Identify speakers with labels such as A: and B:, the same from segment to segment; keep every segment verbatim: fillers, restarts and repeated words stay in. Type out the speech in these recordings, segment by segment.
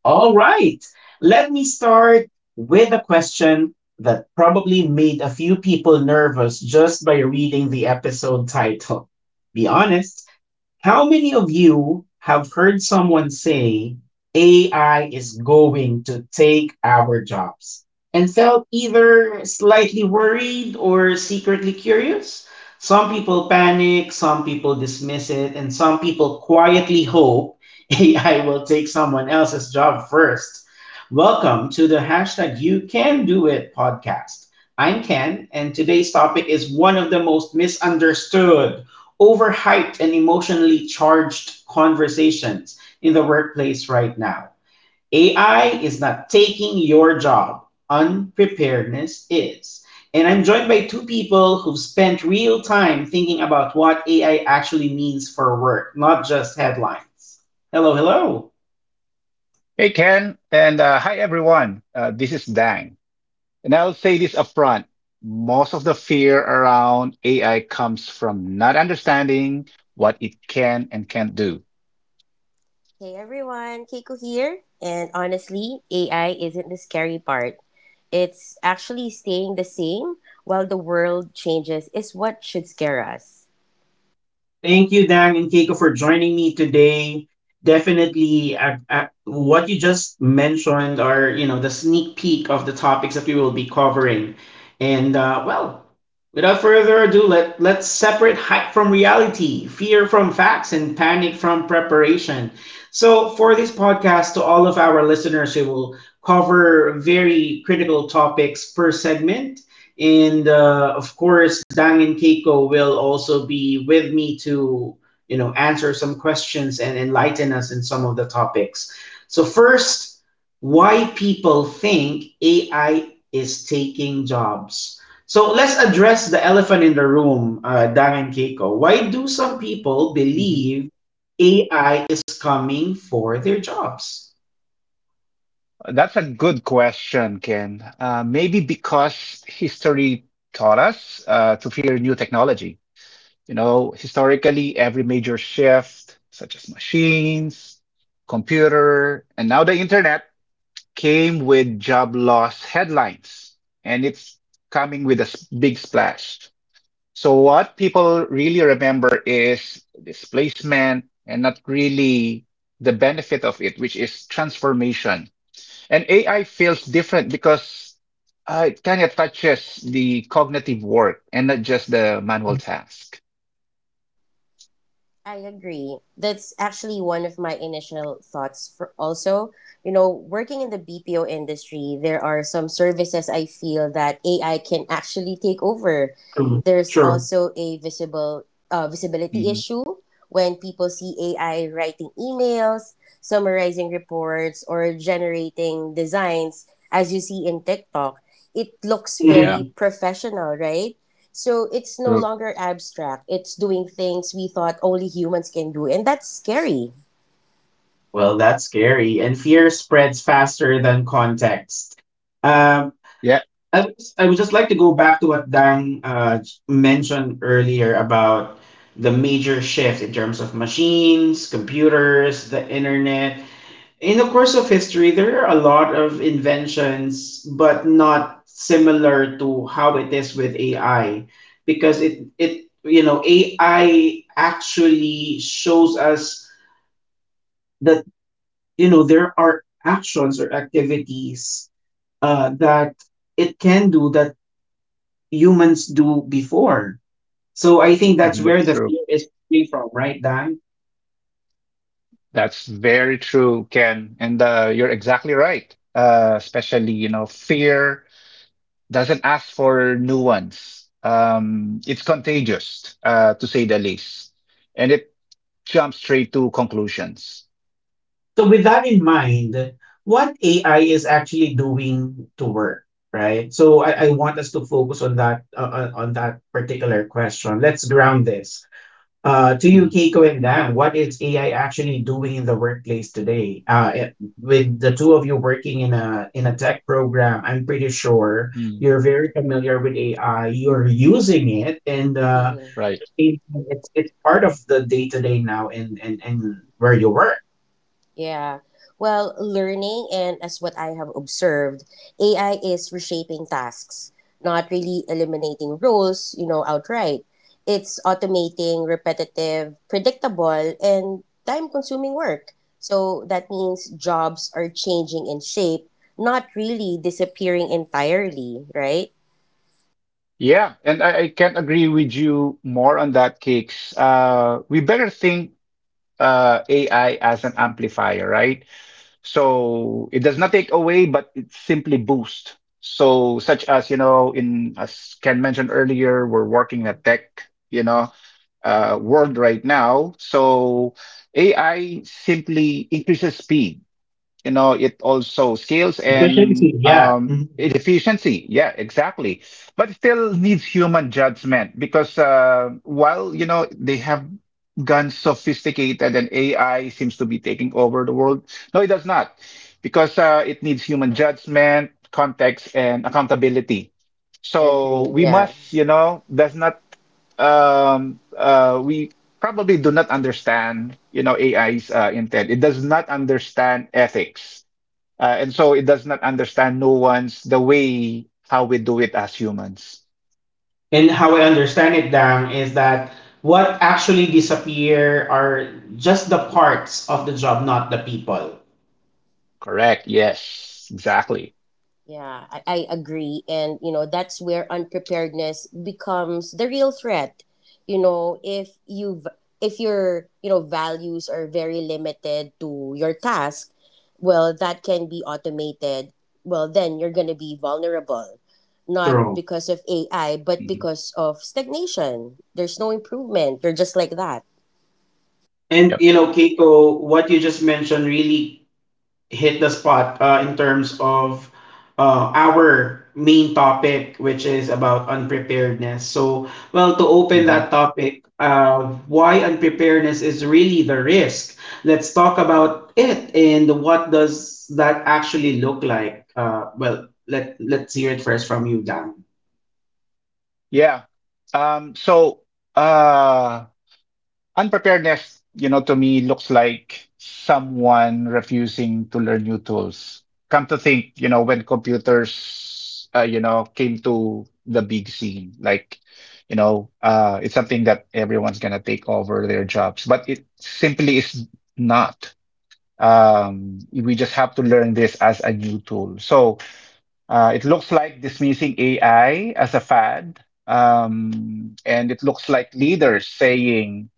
A: All right. Let me start with a question that probably made a few people nervous just by reading the episode title. Be honest. How many of you have heard someone say A I is going to take our jobs and felt either slightly worried or secretly curious? Some people panic, some people dismiss it, and some people quietly hope A I will take someone else's job first. Welcome to the hashtag You Can Do It podcast. I'm Ken, and today's topic is one of the most misunderstood, overhyped and emotionally charged conversations in the workplace right now. A I is not taking your job, unpreparedness is. And I'm joined by two people who've spent real time thinking about what A I actually means for work, not just headlines. Hello, hello.
B: Hey Ken, and uh, hi everyone. Uh, this is Dang, and I'll say this upfront. Most of the fear around A I comes from not understanding what it can and can't do.
C: Hey everyone, Keiko here. And honestly, A I isn't the scary part. It's actually staying the same while the world changes is what should scare us.
A: Thank you, Dan and Keiko, for joining me today. Definitely, uh, uh, what you just mentioned are, you know, the sneak peek of the topics that we will be covering, and uh, well, without further ado, let let's separate hype from reality, fear from facts, and panic from preparation. So, for this podcast, to all of our listeners, we will cover very critical topics per segment, and uh, of course, Dang and Keiko will also be with me to, you know, answer some questions and enlighten us in some of the topics. So, first, why people think A I is taking jobs. So, let's address the elephant in the room, uh, Dang and Keiko. Why do some people
B: hmm
A: believe A I is coming for their jobs?
B: That's a good question, Ken. Uh, maybe because history taught us uh, to fear new technology. You know, historically, every major shift, such as machines, computer, and now the internet. came with job loss headlines, and it's coming with a s- big splash. So what people really remember is displacement and not really the benefit of it, which is transformation. And A I feels different because uh, it kind of touches the cognitive work and not just the manual task.
C: I agree. That's actually one of my initial thoughts for also, you know, working in the B P O industry, there are some services I feel that A I can actually take over.
A: True.
C: There's
A: True.
C: also a visible uh, visibility
B: hmm
C: issue when people see A I writing emails, summarizing reports or generating designs as you see in TikTok. It looks
B: Yeah.
C: very professional, right? So it's no
B: True.
C: longer abstract. It's doing things we thought only humans can do, and that's scary.
A: Well, that's scary. And fear spreads faster than context. Um,
B: Yeah.
A: I, would just- I would just like to go back to what Dang uh, mentioned earlier about the major shift in terms of machines, computers, the internet. In the course of history, there are a lot of inventions, but not similar to how it is with A I, because it it, you know, A I actually shows us the, you know, there are actions or activities uh, that it can do that humans do before. So I think that's
B: Hmm
A: where the
B: true.
A: fear is coming from, right, Dan?
B: That's very true, Ken. And uh, you're exactly right. Uh, especially, you know, fear doesn't ask for nuance. Um, it's contagious, uh, to say the least. And it jumps straight to conclusions.
A: So with that in mind, what AI is actually doing to work, right? So i, I want us to focus on that, uh, uh, on that particular question. Let's ground this. Uh, to you,
B: Mhm.
A: Keiko and Dan, what is A I actually doing in the workplace today? Uh, it- with the two of you working in a in a tech program, I'm pretty sure
B: Mm.
A: you're very familiar with A I. You're using it, and uh,
C: Mhm.
B: Right.
A: it- it's it's part of the day to day now in, in in where you work.
C: Yeah. Well, learning and as what I have observed, A I is reshaping tasks, not really eliminating roles, you know, outright. It's automating repetitive, predictable, and time consuming work. So that means jobs are changing in shape, not really disappearing entirely, right?
B: Yeah. And I, I can't agree with you more on that, Kicks. Uh, we better think uh, A I as an amplifier, right? So it does not take away, but it simply boosts. So such as, you know, in as Ken mentioned earlier, we're working in a tech, you know, uh, world right now. So A I simply increases speed, you know, it also scales and
A: Efficiency, yeah.
B: um,
A: Mhm.
B: it- efficiency. Yeah, exactly. But it still needs human judgment because uh, while, you know, they have gone sophisticated and A I seems to be taking over the world, no, it does not, because uh, it needs human judgment, context, and accountability. So
C: Agree.
B: we
C: Yeah.
B: must, you know, does not, um, uh, we probably do not understand, you know, A I's uh, intent. It does not understand ethics. Uh, and so it does not understand nuance the way how we do it as humans.
A: And how I understand it, Dan, is that what actually disappear are just the parts of the job, not the people.
B: Correct. Yes, exactly.
C: Yeah, I, I agree. And, you know, that's where unpreparedness becomes the real threat. You know, if you've, if your, you know, values are very limited to your task, well, that can be automated. Well, then you're going to be vulnerable, not
A: True.
C: because of A I, but
B: Mhm.
C: because of stagnation. There's no improvement. You're just like that.
A: And
B: Yep.
A: you know, Keiko, what you just mentioned really hit the spot uh, in terms of uh, our main topic, which is about unpreparedness. So, well, to open
B: hmm
A: that topic, uh, why unpreparedness is really the risk. Let's talk about it and what does that actually look like. Uh, well, let let's hear it first from you, Dan.
B: Yeah. Um, so uh, Unpreparedness, you know, to me looks like someone refusing to learn new tools. Come to think, you know, when computers, uh, you know, came to the big scene, like, you know, uh, it's something that everyone's gonna take over their jobs, but it simply is not. Um, we just have to learn this as a new tool. So uh, it looks like dismissing A I as a fad, um, and it looks like leaders saying,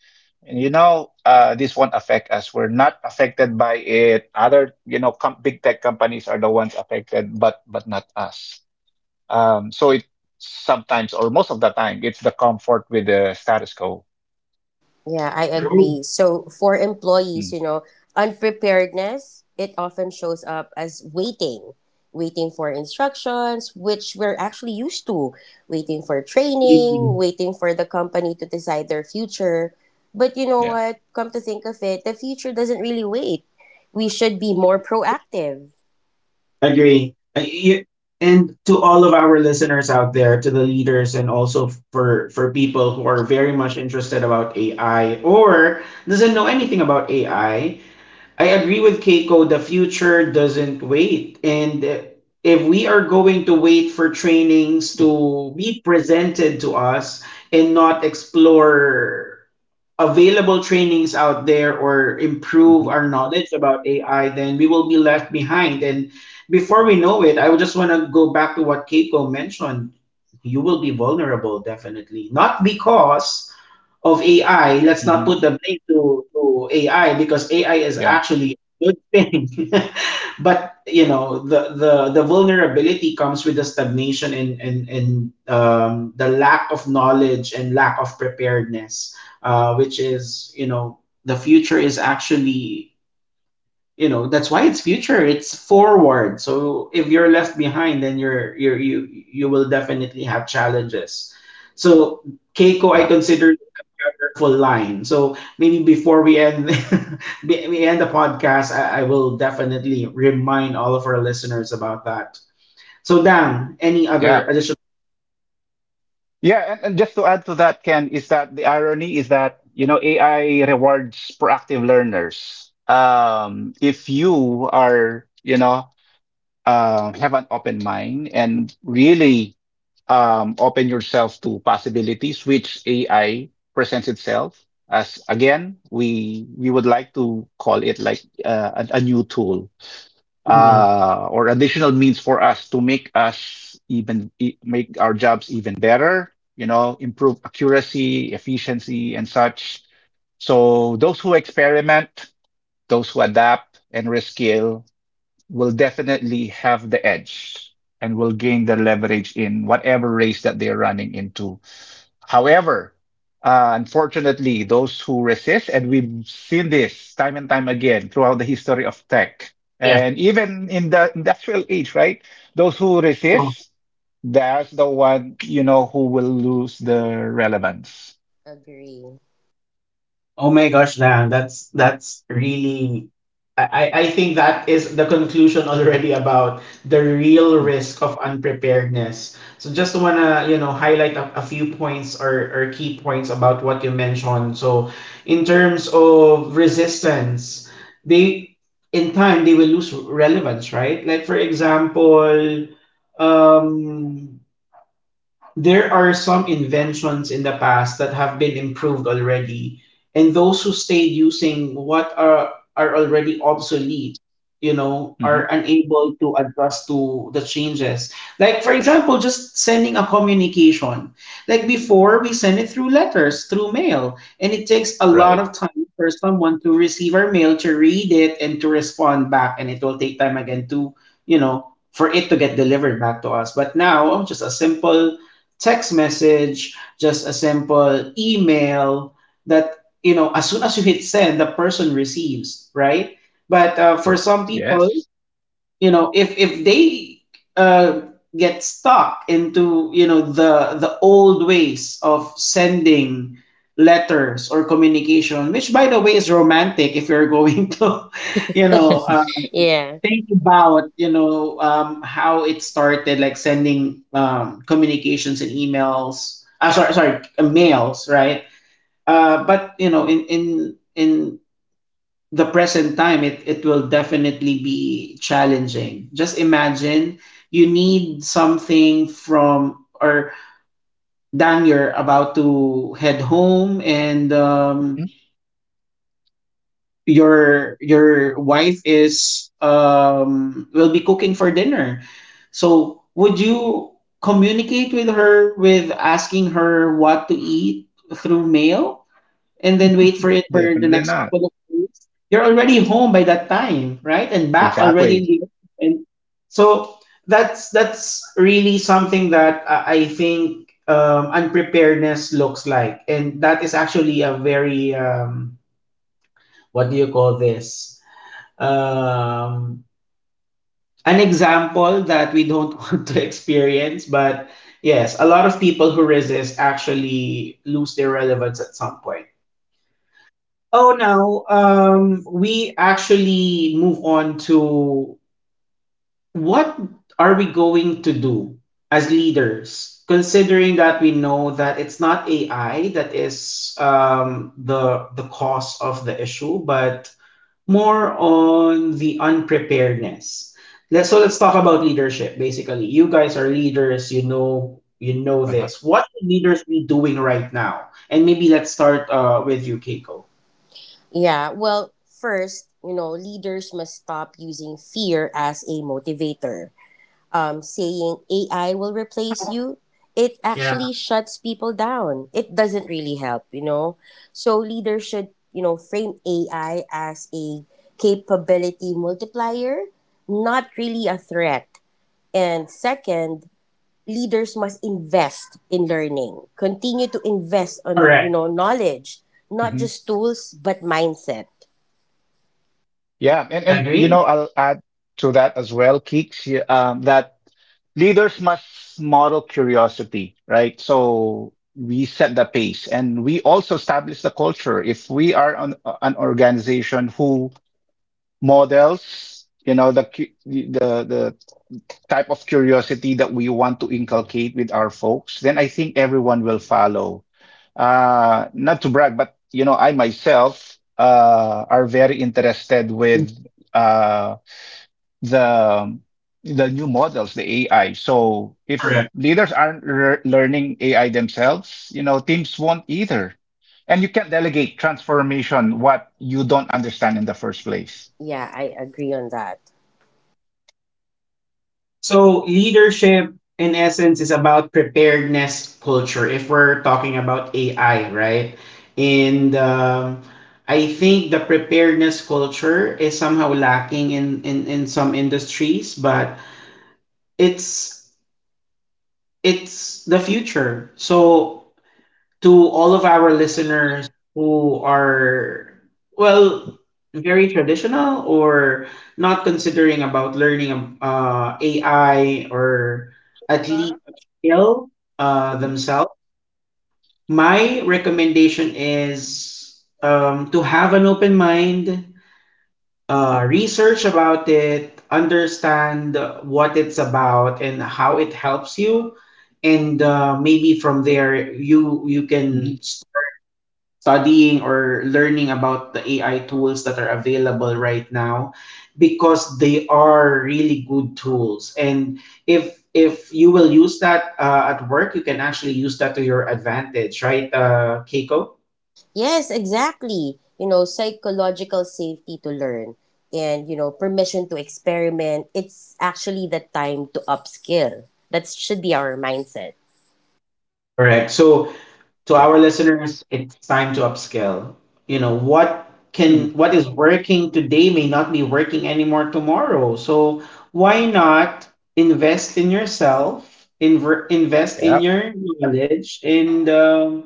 B: you know, uh, this won't affect us. We're not affected by it. Other, you know, com- big tech companies are the ones affected, but but not us. Um, so it sometimes, or most of the time, it's the comfort with the status quo.
C: Yeah, I
A: True.
C: agree. So for employees,
B: Mm,
C: you know, unpreparedness, it often shows up as waiting, waiting for instructions, which we're actually used to, waiting for training, waiting for the company to decide their future. But you know
B: yeah.
C: what? Come to think of it, the future doesn't really wait. We should be more proactive.
A: Agree. Uh, y- And to all of our listeners out there, to the leaders, and also for for people who are very much interested about A I or doesn't know anything about A I, I I agree with Keiko. The future doesn't wait, and uh, if we are going to wait for trainings to be presented to us and not explore available trainings out there or improve
B: hmm
A: our knowledge about A I, then we will be left behind. And before we know it, I would just want to go back to what Keiko mentioned. You will be vulnerable, definitely. Not because of A I. Let's not
B: hmm
A: put the blame to, to A I, because A I is
B: Yeah.
A: actually a good thing. But you know, the, the the vulnerability comes with the stagnation and and, and um, the lack of knowledge and lack of preparedness, uh, which is, you know, the future is actually, you know, that's why it's future, it's forward. So if you're left behind, then you're you're you you will definitely have challenges. So Keiko, I
B: Yeah.
A: consider a powerful line, so maybe before we end be- we end the podcast, I, I will definitely remind all of our listeners about that. So Dan, any other
B: Yeah.
A: additional?
B: Yeah, and, and just to add to that, Ken, is that the irony is that, you know, A I rewards proactive learners. Um, if you are, you know, um, have an open mind and really um, open yourself to possibilities which A I presents itself as, again, we we would like to call it like uh, a, a new tool
A: Mhm.
B: uh, or additional means for us to make us even e- make our jobs even better, you know, improve accuracy, efficiency, and such. So those who experiment, those who adapt and rescale will definitely have the edge and will gain the leverage in whatever race that they're running into. However, uh, unfortunately, those who resist, and we've seen this time and time again throughout the history of tech,
A: Yeah.
B: and even in the industrial age, right? Those who resist, that's the one, you know, who will lose the relevance.
C: Agree.
A: Oh my gosh, Dan, that's that's really, I, I I think that is the conclusion already about the real risk of unpreparedness. So just wanna, you know, highlight a, a few points or, or key points about what you mentioned. So in terms of resistance, they in time they will lose relevance, right? Like for example, um there are some inventions in the past that have been improved already, and those who stayed using what are are already obsolete, you know,
B: hmm
A: are unable to adjust to the changes. Like for example, just sending a communication. Like before, we send it through letters, through mail, and it takes a lot
B: Right.
A: of time for someone to receive our mail, to read it, and to respond back, and it will take time again to, you know, for it to get delivered back to us. But now, just a simple text message, just a simple email that, you know, as soon as you hit send, the person receives, right? But uh, for
B: Correct.
A: some people,
B: Yes.
A: you know, if if they uh, get stuck into, you know, the the old ways of sending letters or communication, which by the way is romantic if you're going to, you know, uh,
C: Yeah.
A: think about, you know, um, how it started, like sending, um, communications and emails, uh, sorry sorry uh, mails, right? Uh, but you know, in in in the present time, it, it will definitely be challenging. Just imagine you need something from, or Dang, you're about to head home and, um, your your wife is um will be cooking for dinner, so would you communicate with her with asking her what to eat through mail and then wait for it for the
B: Definitely
A: next
B: not.
A: couple of days? You're already home by that time, right, and back already in
B: Exactly.
A: the, and so that's that's really something that i I think, um, unpreparedness looks like, and that is actually a very, um, what do you call this, um, an example that we don't want to experience. But yes, a lot of people who resist actually lose their relevance at some point. Oh no, um, we actually move on to what are we going to do as leaders, considering that we know that it's not A I that is, um, the the cause of the issue, but more on the unpreparedness. Let's so let's talk about leadership. Basically, you guys are leaders. You know, you know
B: Uh-huh.
A: this. What should leaders be doing right now? And maybe let's start uh, with you, Keiko.
C: Yeah. Well, first, you know, leaders must stop using fear as a motivator. Um, saying A I will replace you, it
A: Yeah,
C: actually shuts people down. It doesn't really help, you know? So leaders should, you know, frame A I as a capability multiplier, not really a threat. And second, leaders must invest in learning, continue to invest
A: correct.
C: on, you know, knowledge, not
B: Mhm.
C: just tools, but mindset.
B: Yeah, and and
A: Agree.
B: you know, I'll add to that as well, Keeks, y- um, that leaders must model curiosity, right? So we set the pace and we also establish the culture. If we are an, an organization who models, you know, the cu- the the type of curiosity that we want to inculcate with our folks, then I think everyone will follow. Uh, not to brag, but you know, I myself uh, are very interested with uh, the the new models, the A I. So if
A: Correct.
B: leaders aren't re- learning A I themselves, you know, teams won't either. And you can't delegate transformation what you don't understand in the first place.
C: Yeah, I agree on that.
A: So leadership, in essence, is about preparedness culture. If we're talking about A I, right? And um, I think the preparedness culture is somehow lacking in in, in some industries, but it's it's the future. So to all of our listeners who are, well, very traditional or not considering about learning um, uh, A I or at least a skill uh, themselves, my recommendation is, um, to have an open mind, uh, research about it, understand what it's about and how it helps you, and uh, maybe from there you you
B: Mhm.
A: can start studying or learning about the A I tools that are available right now, because they are really good tools. And if if you will use that uh, at work, you can actually use that to your advantage, right, uh, Keiko?
C: Yes, exactly. You know, psychological safety to learn and, you know, permission to experiment. It's actually the time to upskill. That should be our mindset.
A: Correct. So to our listeners, it's time to upscale. You know, what can, what is working today may not be working anymore tomorrow. So why not invest in yourself, inver- invest in
B: Yeah,
A: your knowledge, and, um,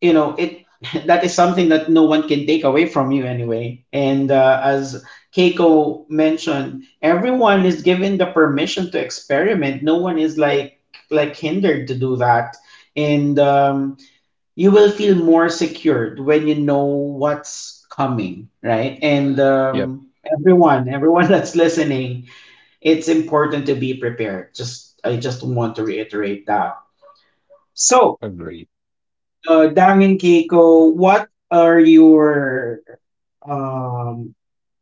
A: you know it. That is something that no one can take away from you anyway. And uh, as Keiko mentioned, everyone is given the permission to experiment. No one is like, like hindered to do that. And um, you will feel more secured when you know what's coming, right? And um, everyone, everyone that's listening, it's important to be prepared. Just I just want to reiterate that. So,
B: agree.
A: uh, Dang and Keiko, what are your um,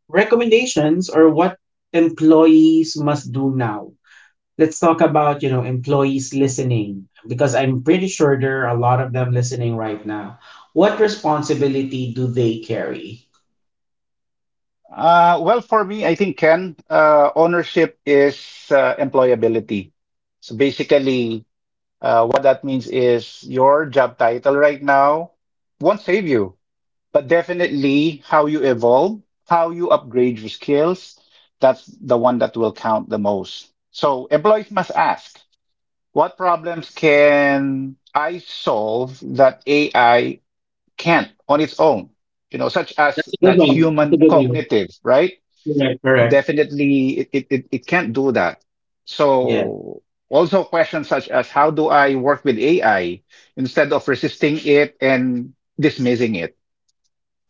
A: recommendations, or what employees must do now? Let's talk about, you know, employees listening, because I'm pretty sure there are a lot of them listening right now. What responsibility do they carry?
B: Uh, well, for me, I think Ken, uh, ownership is uh, employability. So basically, uh, what that means is your job title right now won't save you, but definitely how you evolve, how you upgrade your skills, that's the one that will count the most. So employees must ask, what problems can I solve that A I can't on its own? You know, such
A: That's
B: as
A: a good
B: that
A: one, that's a
B: human
A: good one.
B: cognitive, right?
A: Correct, correct.
B: Definitely, it, it, it it can't do that.
A: Yeah.
B: So also questions such as how do I work with A I instead of resisting it and dismissing it?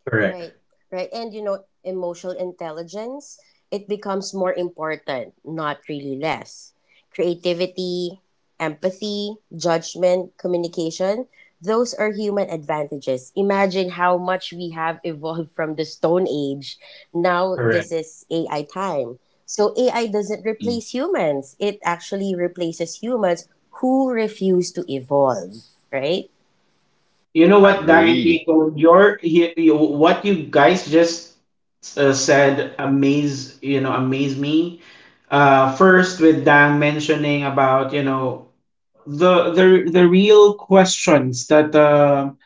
A: Correct,
C: Right, right. And you know, emotional intelligence, it becomes more important, not really less. Creativity, empathy, judgment, communication, those are human advantages. Imagine how much we have evolved from the Stone Age. Now, this
A: correct.
C: is A I time. So, A I doesn't
B: Mm,
C: replace humans, it actually replaces humans who refuse to evolve, right?
A: You know what, Dang and
B: agree.
A: Kiko, your you, you, what you guys just uh, said amaze, you know amaze me. Uh first with Dang mentioning about, you know, the the the real questions that um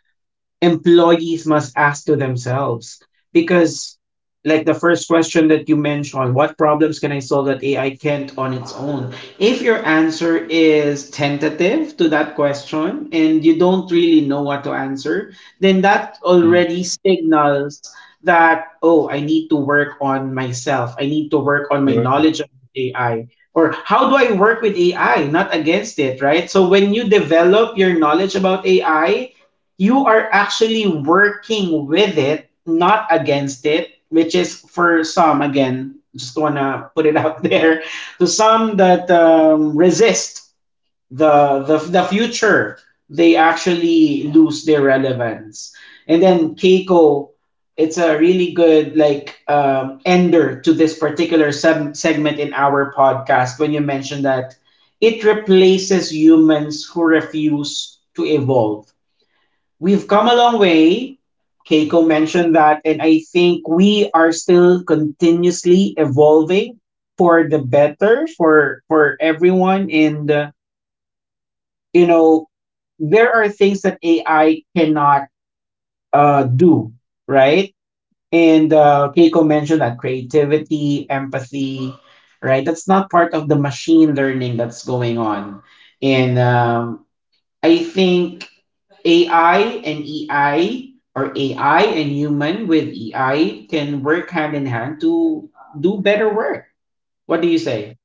A: employees must ask to themselves, because, like, the first question that you mentioned, what problems can I solve that AI can't on its own? If your answer is tentative to that question and you don't really know what to answer, then that already signals that, oh, I need to work on myself, I need to work on my knowledge of AI, or how do I work with AI, not against it, right? So when you develop your knowledge about AI, you are actually working with it, not against it, which is, for some, again, just wanna put it out there, to some that um, resist the, the, the future, they actually lose their relevance. And then Keiko, it's a really good, like, um, ender to this particular sub- segment in our podcast when you mentioned that it replaces humans who refuse to evolve. We've come a long way. Keiko mentioned that, and I think we are still continuously evolving for the better, for for everyone. And uh, you know, there are things that A I cannot uh, do, right? And uh, Keiko mentioned that creativity, empathy, right? That's not part of the machine learning that's going on. And um, I think A I and EI, or AI and human with E I, can work hand in hand to do better work. What do you say?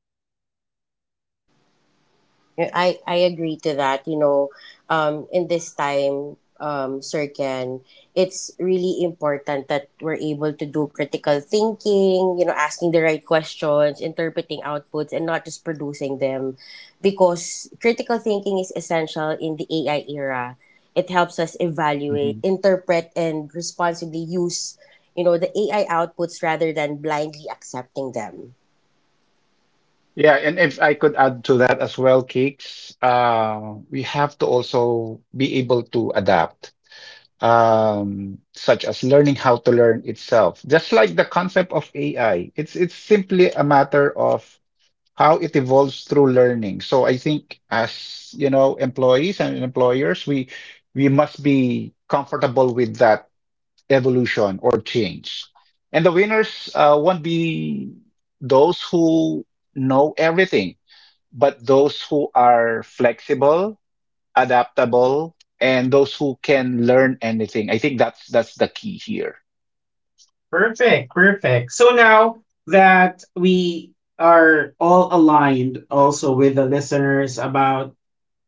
C: Yeah, I, I agree to that. You know, um, in this time, um, Sir Ken, it's really important that we're able to do critical thinking, you know, asking the right questions, interpreting outputs, and not just producing them. Because critical thinking is essential in the A I era. It helps us evaluate,
B: Mhm.
C: interpret, and responsibly use, you know, the A I outputs rather than blindly accepting them.
B: Yeah, and if I could add to that as well, Cakes, uh, we have to also be able to adapt, um, such as learning how to learn itself. Just like the concept of A I, it's it's simply a matter of how it evolves through learning. So I think as, you know, employees and employers, we we must be comfortable with that evolution or change. And the winners uh, won't be those who know everything, but those who are flexible, adaptable, and those who can learn anything. I think that's that's the key here.
A: Perfect, perfect. So now that we are all aligned also with the listeners about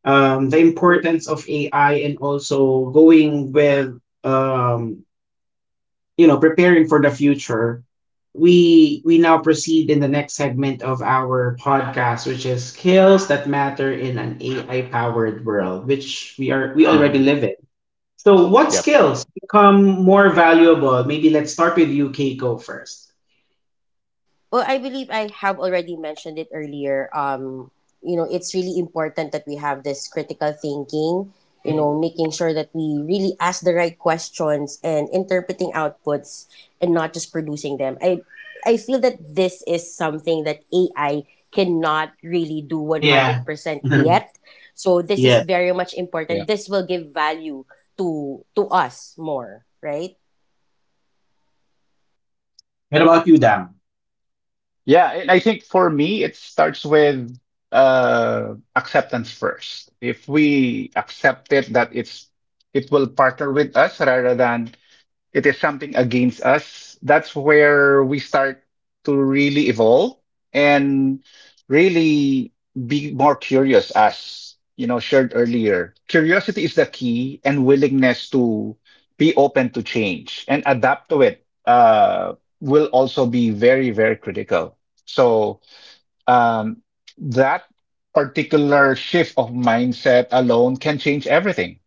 A: um, the importance of A I, and also going with um, you know, preparing for the future, we we now proceed in the next segment of our podcast, which is skills that matter in an A I powered world, which we are, we already
B: hmm
A: live in. So, what
B: Yep.
A: skills become more valuable? Maybe let's start with you, Keiko, first.
C: Well, I believe I have already mentioned it earlier. Um, you know, it's really important that we have this critical thinking, you know, making sure that we really ask the right questions and interpreting outputs and not just producing them. I I feel that this is something that A I cannot really do
A: Yeah.
C: one hundred percent yet. So this is
A: Yeah.
C: very much
B: Yeah.
C: important. This will give value to to us more, right?
A: What about you, Dam?
B: Yeah. And I think for me, it starts with uh, acceptance first. If we accept it that it's it will partner with us rather than it is something against us. That's where we start to really evolve and really be more curious, as you know, shared earlier. Curiosity is the key, and willingness to be open to change and adapt to it uh, will also be very, very critical. So um, that particular shift of mindset alone can change everything.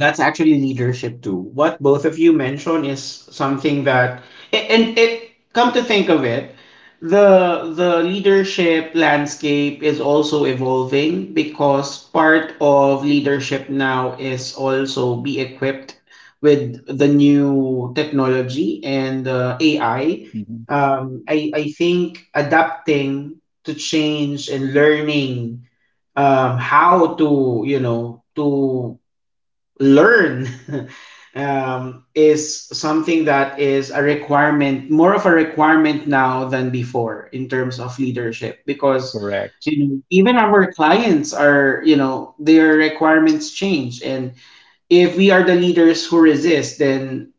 A: That's actually leadership too. What both of you mentioned is something that, and it, come to think of it, the the leadership landscape is also evolving, because part of leadership now is also be equipped with the new technology and uh, A I.
B: Mhm.
A: Um, I I think adapting to change and learning um, how to, you know, to learn um, is something that is a requirement, more of a requirement now than before in terms of leadership, because,
B: Correct.
A: you know, even our clients are, you know, their requirements change, and if we are the leaders who resist, then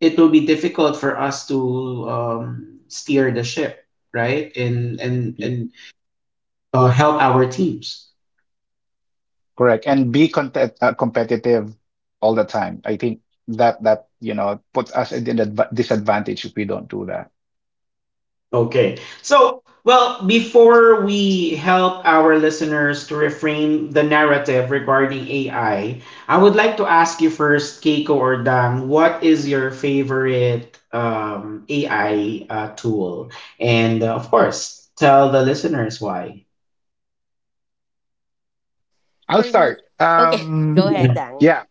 A: it will be difficult for us to um, steer the ship, right? and and
B: You-
A: and uh, help our teams.
B: Correct. And be content, uh, competitive all the time. I think that that you know puts us at an adva disadvantage if we don't do that.
A: Okay. So, well, before we help our listeners to reframe the narrative regarding A I, I I would like to ask you first, Keiko or Dang, what is your favorite um, A I uh, tool? And uh, of course, tell the listeners why.
B: I'll
C: For me,
B: start.
C: okay,
B: Um,
C: go ahead,
A: Mhm.
C: Dang.
B: yeah.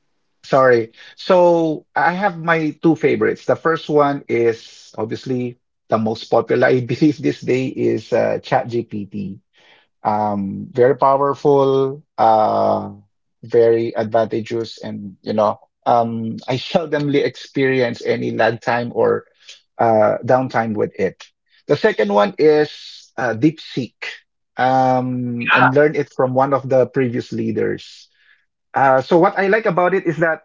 B: Sorry. So I have my two favorites. The first one is obviously the most popular, I believe, this day is uh, ChatGPT. Um, very powerful, uh, very advantageous, and you know, um, I seldomly experience any lag time or uh, downtime with it. The second one is uh, DeepSeek, um, and learn it from one of the previous leaders. Uh, so what I like about it is that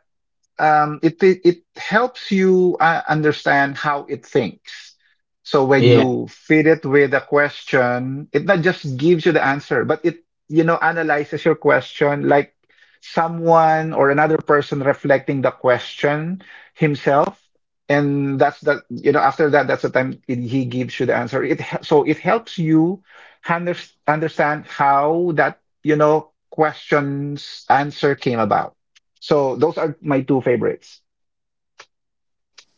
B: um, it, it it helps you uh, understand how it thinks. So when
A: Yeah.
B: you feed it with a question, it not just gives you the answer, but it you know analyzes your question like someone or another person reflecting the question himself. And that's the you know after that that's the time it, he gives you the answer. It he- so it helps you under, understand how that you know questions answer came about. So those are my two favorites.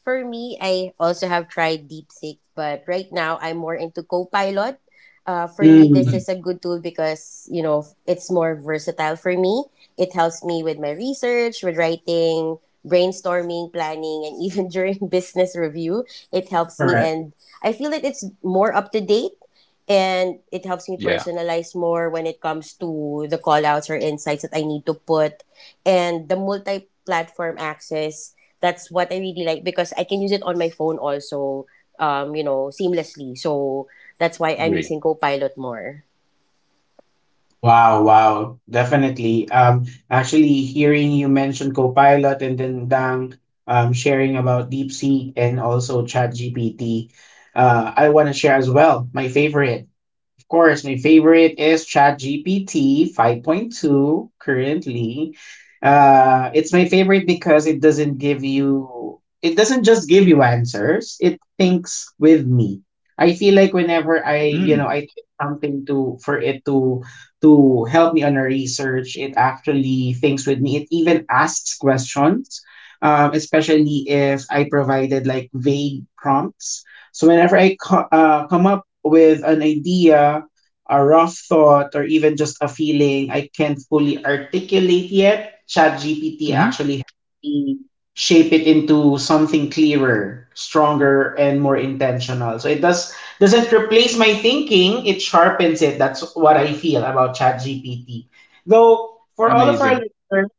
C: For me, I also have tried DeepSeek, but right now I'm more into Copilot. Uh, for me, this
A: Mm.
B: Mm,
C: is a good tool because, you know, it's more versatile for me. It helps me with my research, with writing, brainstorming, planning, and even during business review, it helps me. And I feel that it's more up to date and it helps me
B: yeah,
C: personalize more when it comes to the callouts or insights that I need to put. And the multi platform access, that's what I really like because I can use it on my phone also, um, you know, seamlessly. So that's why I'm
B: agree.
C: using Copilot more.
A: Wow, wow. Definitely. Um, actually hearing you mention Copilot, and then Dang um, sharing about DeepSeek and also ChatGPT, uh, I want to share as well my favorite. Of course, my favorite is ChatGPT five point two currently. Uh, it's my favorite because it doesn't give you, it doesn't just give you answers, it thinks with me. I feel like whenever I, you
B: Mm,
A: know, I type something to for it to to help me on a research, it actually thinks with me. It even asks questions, um, especially if I provided like vague prompts. So whenever I co- uh, come up with an idea, a rough thought, or even just a feeling I can't fully articulate yet, ChatGPT
B: hmm,
A: actually helps me shape it into something clearer, stronger, and more intentional. So it does doesn't replace my thinking; it sharpens it. That's what I feel about ChatGPT. Though for all of our
B: amazing.
A: listeners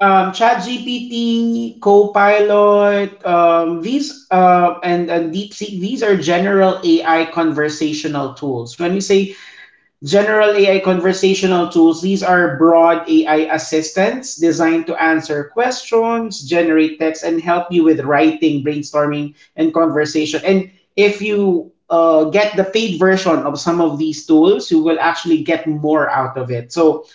A: um, ChatGPT, Copilot, um, these uh, and, and DeepSeek, these are general A I conversational tools. When we say general A I conversational tools, these are broad A I assistants designed to answer questions, generate text, and help you with writing, brainstorming, and conversation. And if you uh, get the paid version of some of these tools, you will actually get more out of it. So,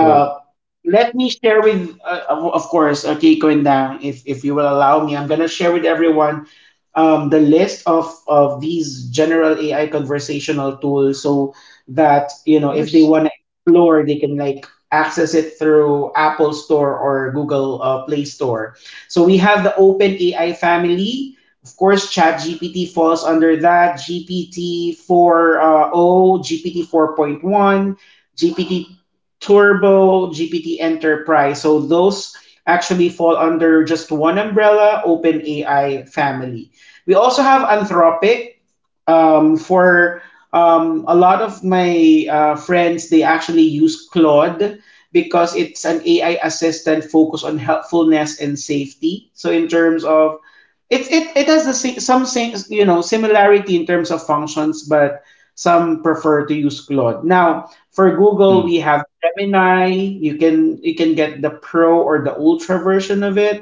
B: Bro,
A: let me share with uh, of of course uh, Keiko and Dang, if if you will allow me, I'm gonna share with everyone um, the list of of these general A I conversational tools, so that, you know, if they
B: where's
A: want to explore, they can, like, access it through Apple Store or Google uh, Play Store. So we have the open A I family. Of course ChatGPT falls under that. GPT 4.0, GPT four point one, GPT Turbo, GPT Enterprise. So those actually fall under just one umbrella, OpenAI family. We also have Anthropic, um, for um, a lot of my uh, friends, they actually use Claude, because it's an A I assistant focused on helpfulness and safety. So in terms of, it, it, it has the same, some same, you know, similarity in terms of functions, but some prefer to use Claude. Now for Google,
B: mm,
A: we have Gemini. You can you can get the Pro or the Ultra version of it.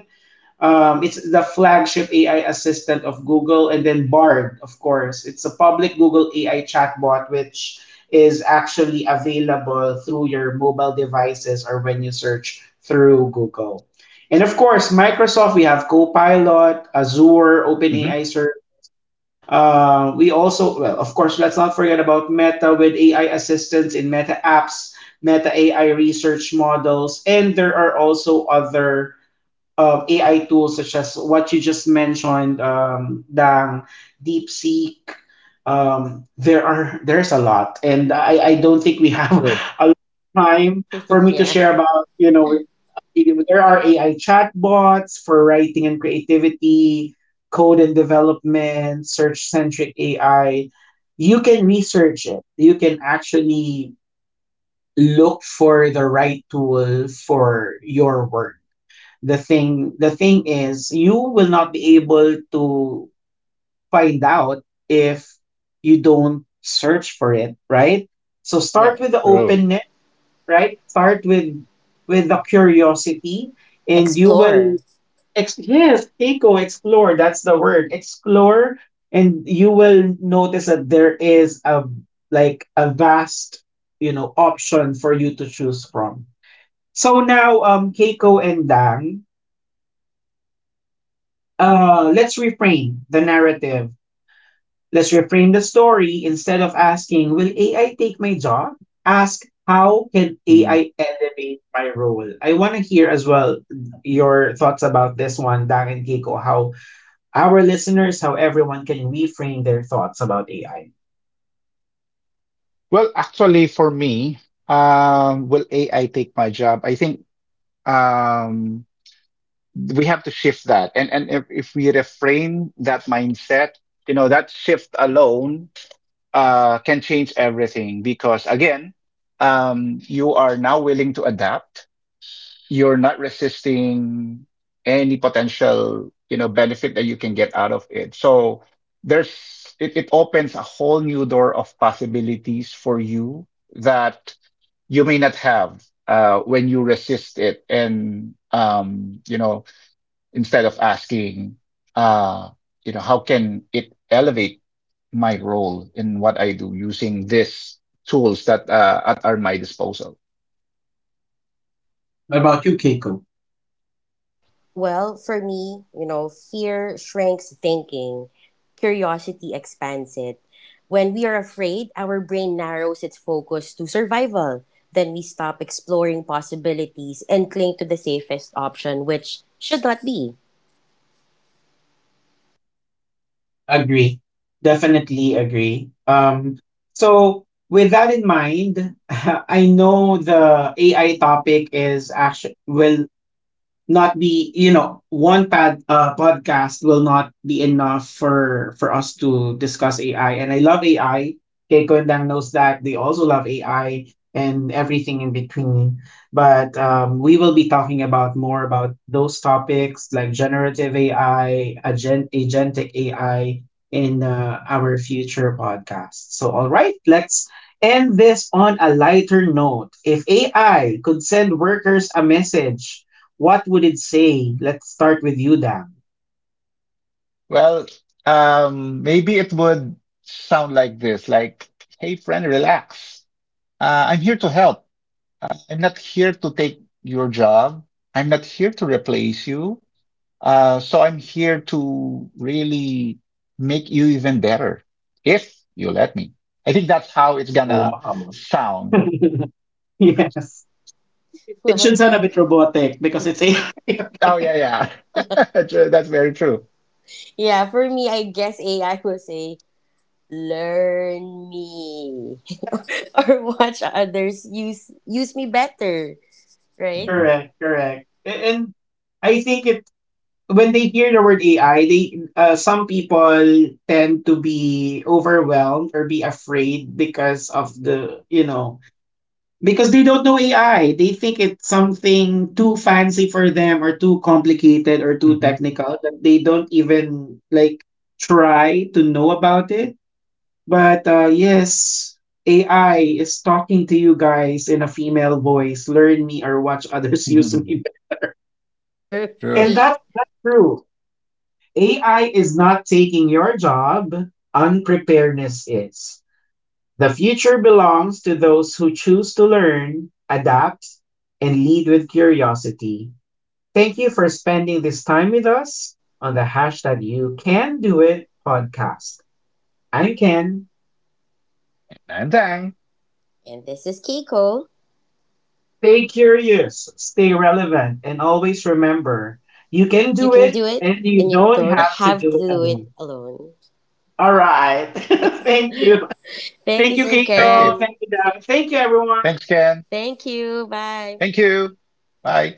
A: Um, it's the flagship A I assistant of Google, and then Bard, of course. It's a public Google A I chatbot, which is actually available through your mobile devices or when you search through Google. And of course, Microsoft, we have Copilot, Azure,
B: hmm
A: OpenAI Search. Uh, we also, well, of course, let's not forget about Meta, with A I assistants in Meta apps, Meta A I research models, and there are also other of A I tools such as what you just mentioned, um, Dang, DeepSeek. Um, there are there's a lot, and I, I don't think we have a lot of time for me to
C: Yeah.
A: share about, you know, there are A I chatbots for writing and creativity, code and development, search centric A I. You can research it. You can actually look for the right tool for your work. The thing the thing is, you will not be able to find out if you don't search for it, right? So start
C: Yeah.
A: with the
B: bro?
A: openness, right? Start with with the curiosity, and you will
C: Explore.
A: ex- yes, eco, explore. That's the word, explore. And you will notice that there is a, like, a vast, you know, option for you to choose from. So now, um Keiko and Dang, uh, let's reframe the narrative. Let's reframe the story. Instead of asking, will A I take my job? Ask, how can
B: Mm.
A: A I elevate my role? I want to hear as well your thoughts about this one, Dang and Keiko. How our listeners, how everyone can reframe their thoughts about A I.
B: Well, actually, for me, um, will A I take my job? I think um, we have to shift that, and and if, if we reframe that mindset, you know, that shift alone uh, can change everything. Because again, um, you are now willing to adapt. You're not resisting any potential you know benefit that you can get out of it. So there's it it opens a whole new door of possibilities for you that you may not have uh, when you resist it. And um, you know, instead of asking uh, you know, how can it elevate my role in what I do using these tools that uh, at, are my disposal.
A: What about you, Keiko?
C: Well, for me, you know, fear shrinks thinking, curiosity expands it. When we are afraid, our brain narrows its focus to survival. Then we stop exploring possibilities and cling to the safest option, which should not be.
A: Agree. Definitely agree. Um, so with that in mind, I know the A I topic is actually will not be, you know, one pad uh, podcast will not be enough for for us to discuss A I, and I love A I. Keiko and Dang knows that they also love A I and everything in between. But um, we will be talking about more about those topics, like generative A I, agent agentic A I in uh, our future podcast. So all right, let's end this on a lighter note. If A I could send workers a message, what would it say? Let's start with you, Dan.
B: Well, um, maybe it would sound like this, like, hey friend, relax. Uh, I'm here to help. I'm not here to take your job. I'm not here to replace you. Uh, so I'm here to really make you even better, if you let me. I think that's how it's
A: Oh,
B: gonna
A: wow.
B: sound.
A: Yes. It
C: Well,
A: should sound a bit robotic because it's A I.
B: Oh yeah, yeah. True. That's very true.
C: yeah, for me, I guess A I will say, learn me or watch others use use me better, right?
B: hmm
A: Correct, correct. A- And I think it, when they hear the word A I, they, uh, some people tend to be overwhelmed or be afraid because of the, you know, because they don't know A I. They think it's something too fancy for them, or too complicated or too
B: hmm
A: technical, that they don't even like try to know about it. But uh, yes, A I is talking to you guys in a female voice. Learn me, or watch others use me.
C: True.
B: True.
A: And that, that's true. A I is not taking your job. Unpreparedness is. The future belongs to those who choose to learn, adapt, and lead with curiosity. Thank you for spending this time with us on the hashtag You Can Do It podcast. I'm Ken.
B: And Eh,
C: And this is Keiko.
A: Stay curious, stay relevant, and always remember, you can
C: You
A: do
C: can
A: it,
C: do it
A: and you
C: and you
A: don't
C: don't
A: have to
C: have to
A: do it
C: do it
A: alone.
C: alone.
A: All right. Thank you.
C: Thank
A: Thank
C: you,
A: you,
C: Sir
B: thank
A: Keiko.
B: you.
C: Ken.
A: Thank you, Dab. Thank you, everyone.
B: Thanks, Ken.
C: Thank you. Bye.
B: Thank you. Bye.